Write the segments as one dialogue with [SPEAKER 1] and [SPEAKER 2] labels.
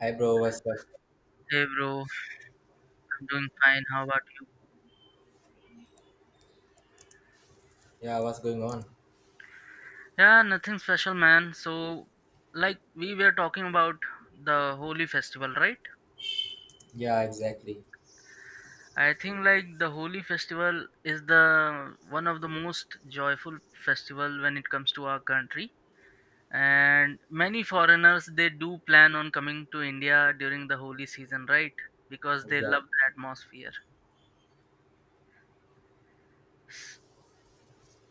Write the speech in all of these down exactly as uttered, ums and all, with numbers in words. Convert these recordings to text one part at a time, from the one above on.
[SPEAKER 1] Hi, bro, what's up?
[SPEAKER 2] Hey bro, I'm doing fine. How about you?
[SPEAKER 1] Yeah, what's going on?
[SPEAKER 2] Yeah, nothing special, man. So, like we were talking about the Holi festival, right?
[SPEAKER 1] Yeah, exactly.
[SPEAKER 2] I think like the Holi festival is the one of the most joyful festival when it comes to our country. And many foreigners they do plan on coming to India during the Holi season, right? Because they love
[SPEAKER 1] Exactly.
[SPEAKER 2] the atmosphere.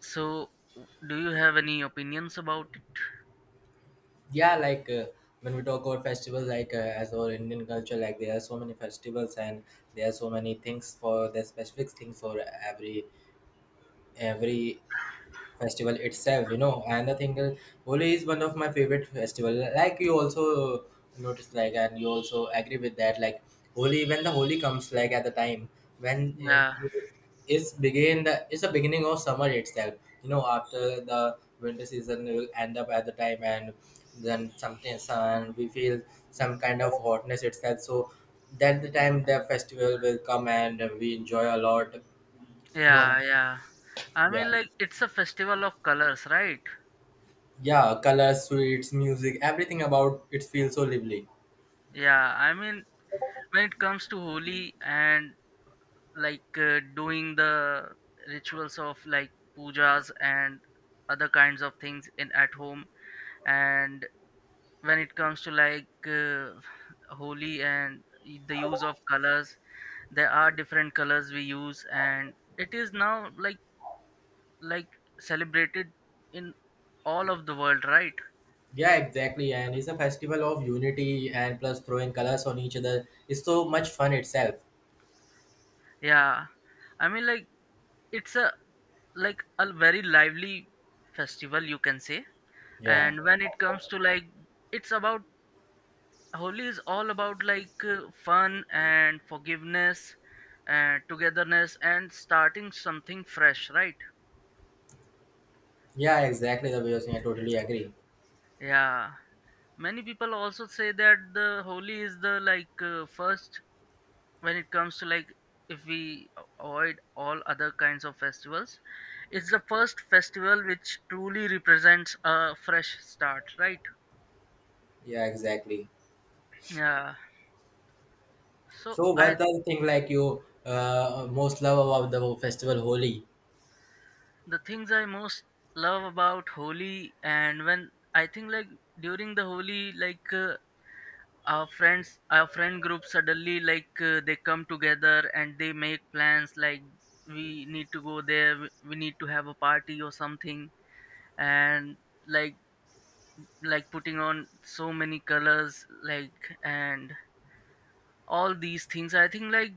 [SPEAKER 2] So, do you have any opinions about it?
[SPEAKER 1] Yeah, like uh, when we talk about festivals, like uh, as our Indian culture, like there are so many festivals, and there are so many things for the specific things for every every festival itself, you know. And i think uh, Holi is one of my favorite festival, like you also noticed, like, and you also agree with that. Like Holi, when the Holi comes, like at the time when
[SPEAKER 2] Yeah.
[SPEAKER 1] uh, it's begin the it's the beginning of summer itself, you know, after the winter season will end up at the time, and then something sun we feel some kind of hotness itself. So that the time the festival will come and we enjoy a lot, you know.
[SPEAKER 2] Yeah, yeah. I
[SPEAKER 1] Yeah.
[SPEAKER 2] mean, like, it's a festival of colors, right?
[SPEAKER 1] Yeah, colors, sweets, music, everything about it feels so lively.
[SPEAKER 2] Yeah, I mean, when it comes to Holi and like uh, doing the rituals of like pujas and other kinds of things in at home, and when it comes to like uh, Holi and y- the use of colors, there are different colors we use, and it is now like like celebrated in all of the world, right?
[SPEAKER 1] Yeah, exactly. And it's a festival of unity, and plus throwing colors on each other. It's so much fun itself.
[SPEAKER 2] Yeah. I mean, like it's a like a very lively festival you can say
[SPEAKER 1] Yeah.
[SPEAKER 2] and when it comes to like it's about holi is all about like uh, fun and forgiveness and togetherness and starting something fresh, right?
[SPEAKER 1] Yeah, exactly. The way you're saying, I totally agree.
[SPEAKER 2] Yeah, many people also say that the holi is the like uh, first, when it comes to like, if we avoid all other kinds of festivals, it's the first festival which truly represents a fresh start, right?
[SPEAKER 1] Yeah, exactly.
[SPEAKER 2] Yeah. So
[SPEAKER 1] So,
[SPEAKER 2] I,
[SPEAKER 1] what the thing like you uh, most love about the festival Holi?
[SPEAKER 2] the things I most love about Holi, and when I think like during the Holi like uh, our friends our friend group suddenly like uh, they come together and they make plans like we need to go there, we we need to have a party or something, and like like putting on so many colors like, and all these things I think like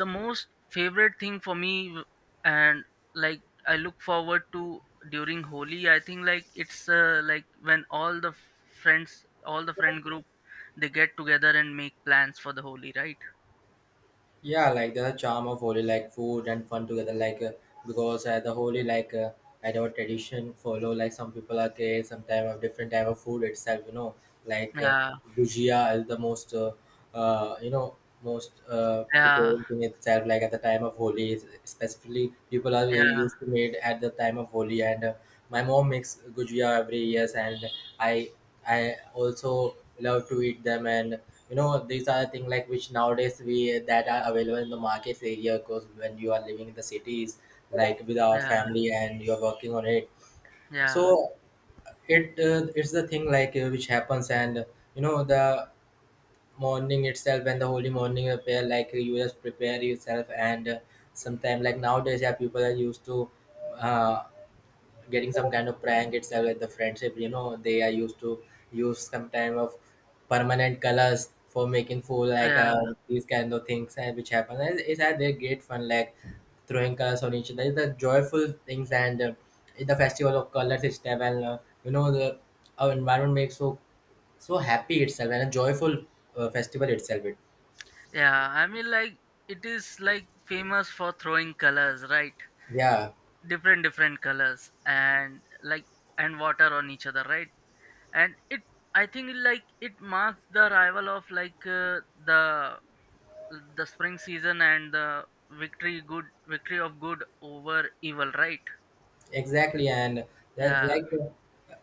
[SPEAKER 2] the most favorite thing for me w- and like I look forward to during holi, I think like it's uh, like when all the friends all the friend group, they get together and make plans for the holi, right?
[SPEAKER 1] Yeah, like there's a charm of Holy, like food and fun together, like uh, because at the Holy, like uh, at our tradition, follow, like some people are gay, some type of different type of food itself, you know, like uh,
[SPEAKER 2] Yeah.
[SPEAKER 1] bhujia is the most, uh, uh, you know, most uh,
[SPEAKER 2] Yeah.
[SPEAKER 1] preparing thing itself. Like at the time of Holy, specifically, people are uh,
[SPEAKER 2] Yeah.
[SPEAKER 1] used to made at the time of Holy. And uh, my mom makes gujia every year, and I I also love to eat them. And you know, these are things like which nowadays we that are available in the market area. Because when you are living in the cities, like with our
[SPEAKER 2] Yeah.
[SPEAKER 1] family, and you are working on it,
[SPEAKER 2] Yeah.
[SPEAKER 1] so it uh, it's the thing like uh, which happens. And you know, the morning itself, and the Holy morning prepare, like you just prepare yourself. And uh, sometimes, like nowadays, yeah, people are used to. Uh, Getting some kind of prank itself, like the friendship, you know, they are used to use some kind of permanent colors for making fool, like uh,
[SPEAKER 2] Yeah.
[SPEAKER 1] these kind of things uh, which happen. And it's uh, they're great fun, like throwing colors on each other, the joyful things. And uh, the festival of colors itself. And uh, you know, the our environment makes so so happy itself, and a joyful uh, festival itself it.
[SPEAKER 2] Yeah, I mean, like it is like famous for throwing colors, right?
[SPEAKER 1] Yeah.
[SPEAKER 2] Different different colors and like, and water on each other, right? And it, I think like it marks the arrival of like uh, the the spring season and the victory, good victory of good over evil, right?
[SPEAKER 1] Exactly, and that
[SPEAKER 2] Yeah.
[SPEAKER 1] like,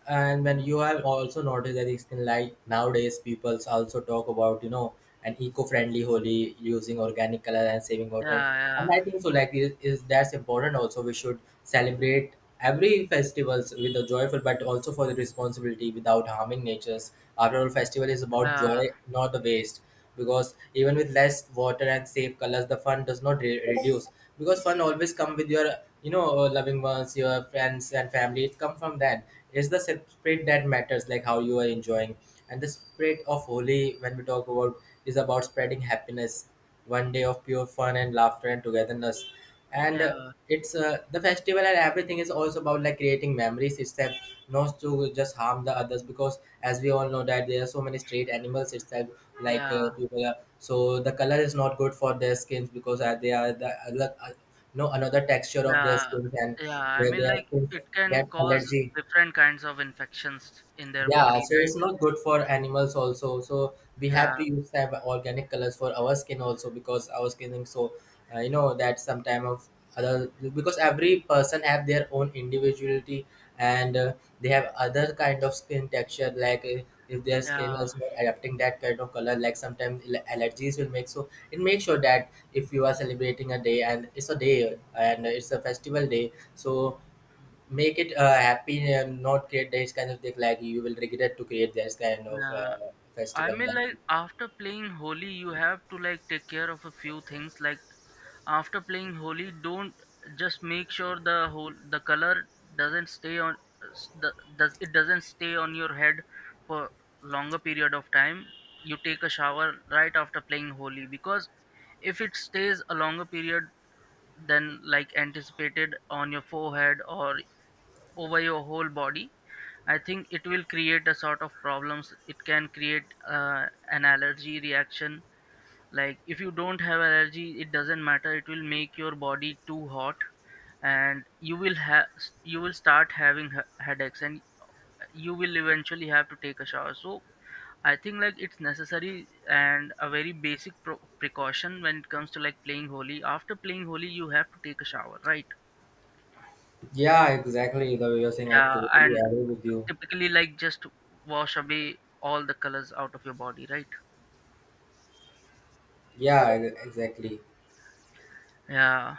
[SPEAKER 1] and when you have also noticed that it's been, like, nowadays people's also talk about, you know, an eco-friendly Holy, using organic color and saving water.
[SPEAKER 2] Yeah.
[SPEAKER 1] And
[SPEAKER 2] Yeah.
[SPEAKER 1] I think so, like, is, is that's important also. We should celebrate every festivals with a joyful, but also for the responsibility without harming natures. After all, festival is about
[SPEAKER 2] Yeah.
[SPEAKER 1] joy, not the waste. Because even with less water and safe colors, the fun does not re- reduce. Because fun always come with your, you know, uh, loving ones, your friends and family. It come from that. It's the spirit that matters, like how you are enjoying. And the spirit of Holy, when we talk about, is about spreading happiness, one day of pure fun and laughter and togetherness. And uh,
[SPEAKER 2] Yeah.
[SPEAKER 1] it's uh, the festival and everything is also about like creating memories itself, not to just harm the others, because as we all know that there are so many street animals itself. like
[SPEAKER 2] Yeah.
[SPEAKER 1] uh, people are, so the color is not good for their skins, because uh, they are the uh, like, uh, no another texture of their
[SPEAKER 2] Yeah.
[SPEAKER 1] skins. And
[SPEAKER 2] Yeah, I
[SPEAKER 1] their,
[SPEAKER 2] mean,
[SPEAKER 1] their
[SPEAKER 2] like
[SPEAKER 1] skins
[SPEAKER 2] it can
[SPEAKER 1] get
[SPEAKER 2] cause
[SPEAKER 1] allergy.
[SPEAKER 2] different kinds of infections in their
[SPEAKER 1] Yeah,
[SPEAKER 2] body,
[SPEAKER 1] so
[SPEAKER 2] right?
[SPEAKER 1] it's not good for animals also. So we have
[SPEAKER 2] Yeah.
[SPEAKER 1] to use some organic colors for our skin also, because our skin is so uh, you know, that sometime of other, because every person have their own individuality. And uh, they have other kind of skin texture, like uh, if their skin
[SPEAKER 2] Yeah.
[SPEAKER 1] is not adapting that kind of color, like sometimes al- allergies will make. So it makes sure that if you are celebrating a day, and it's a day, and it's a festival day, so make it uh, happy, and not create these kind of thing, like you will regret to create this kind of
[SPEAKER 2] Yeah,
[SPEAKER 1] uh,
[SPEAKER 2] I
[SPEAKER 1] festival.
[SPEAKER 2] mean,
[SPEAKER 1] Like,
[SPEAKER 2] like after playing holy you have to like take care of a few things like. After playing Holi, don't just make sure the whole the color doesn't stay on s- the, does it doesn't stay on your head for longer period of time. You take a shower right after playing Holi, because if it stays a longer period than like anticipated on your forehead or over your whole body, I think it will create a sort of problems. It can create uh, an allergy reaction, like if you don't have allergy it doesn't matter, it will make your body too hot and you will have, you will start having he- headaches, and you will eventually have to take a shower. So I think like it's necessary and a very basic pro- precaution when it comes to like playing holy, after playing holy you have to take a shower, right?
[SPEAKER 1] yeah, exactly. The way you're saying, I
[SPEAKER 2] Yeah,
[SPEAKER 1] totally
[SPEAKER 2] and
[SPEAKER 1] agree with you.
[SPEAKER 2] typically like just wash away all the colors out of your body, right?
[SPEAKER 1] Yeah, e- exactly.
[SPEAKER 2] Yeah.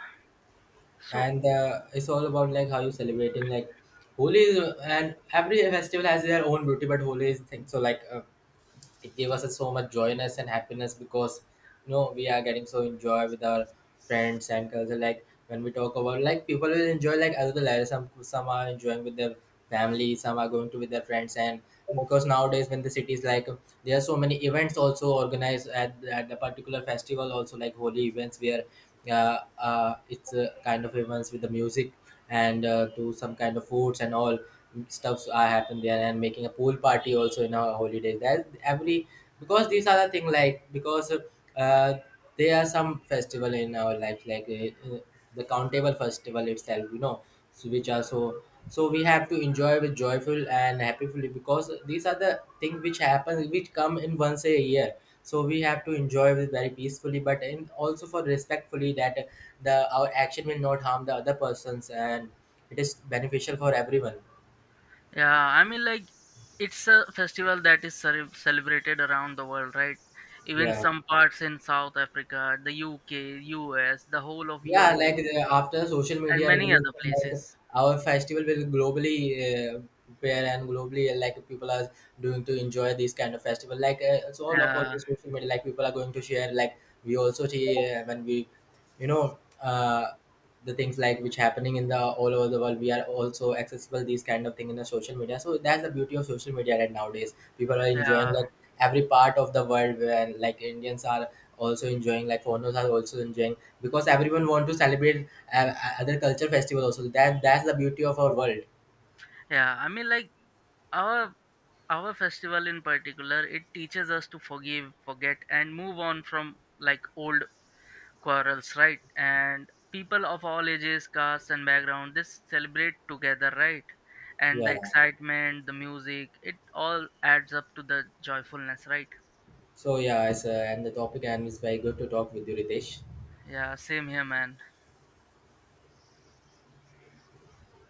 [SPEAKER 2] So,
[SPEAKER 1] And uh, it's all about like how you celebrating. Like Holi is, and every festival has their own beauty, but Holi is thing. So like uh, it gave us so much joyness and happiness, because you know, we are getting so enjoy with our friends and culture. Like when we talk about, like people will enjoy, like other lives, some some are enjoying with their family, some are going to with their friends. And because nowadays when the cities, like, there are so many events also organized at, at the particular festival also, like Holy events, where uh, uh, it's uh, kind of events with the music. And uh, do some kind of foods, and all stuffs are happen there, and making a pool party also in our holiday, that every, because these are the thing like, because uh, there are some festival in our life, like uh, uh, the countable festival itself, you know. So which are so, so we have to enjoy with joyful and happily, because these are the things which happen, which come in once a year. So we have to enjoy with very peacefully, but in also for respectfully, that the our action will not harm the other persons, and it is beneficial for everyone.
[SPEAKER 2] yeah, I mean, like, it's a festival that is cere- celebrated around the world, right? Even
[SPEAKER 1] Yeah.
[SPEAKER 2] some parts in South Africa, the U K, U S, the whole of
[SPEAKER 1] Yeah, like
[SPEAKER 2] Europe,
[SPEAKER 1] the, after social
[SPEAKER 2] and
[SPEAKER 1] media
[SPEAKER 2] many
[SPEAKER 1] revolution,
[SPEAKER 2] other
[SPEAKER 1] like
[SPEAKER 2] places.
[SPEAKER 1] our festival will globally uh, prepare, and globally uh, like people are doing to enjoy this kind of festival. Like uh, it's all about
[SPEAKER 2] Yeah,
[SPEAKER 1] the social media. Like people are going to share. Like we also see uh, when we, you know, uh, the things like which happening in the all over the world. We are also accessible these kind of thing in the social media. So that's the beauty of social media right nowadays. People are enjoying
[SPEAKER 2] yeah,
[SPEAKER 1] like every part of the world, where like Indians are also enjoying, like foreigners are also enjoying, because everyone want to celebrate uh, uh, other culture festival also. That that's the beauty of our world.
[SPEAKER 2] yeah. I mean, like, our our festival in particular, it teaches us to forgive, forget, and move on from like old quarrels, right? And people of all ages, castes, and background, they celebrate together, right? And the
[SPEAKER 1] Yeah.
[SPEAKER 2] excitement, the music, it all adds up to the joyfulness, right?
[SPEAKER 1] So yeah, it's, uh, and the topic, and it's very good to talk with you, Ritesh.
[SPEAKER 2] Yeah, same here, man.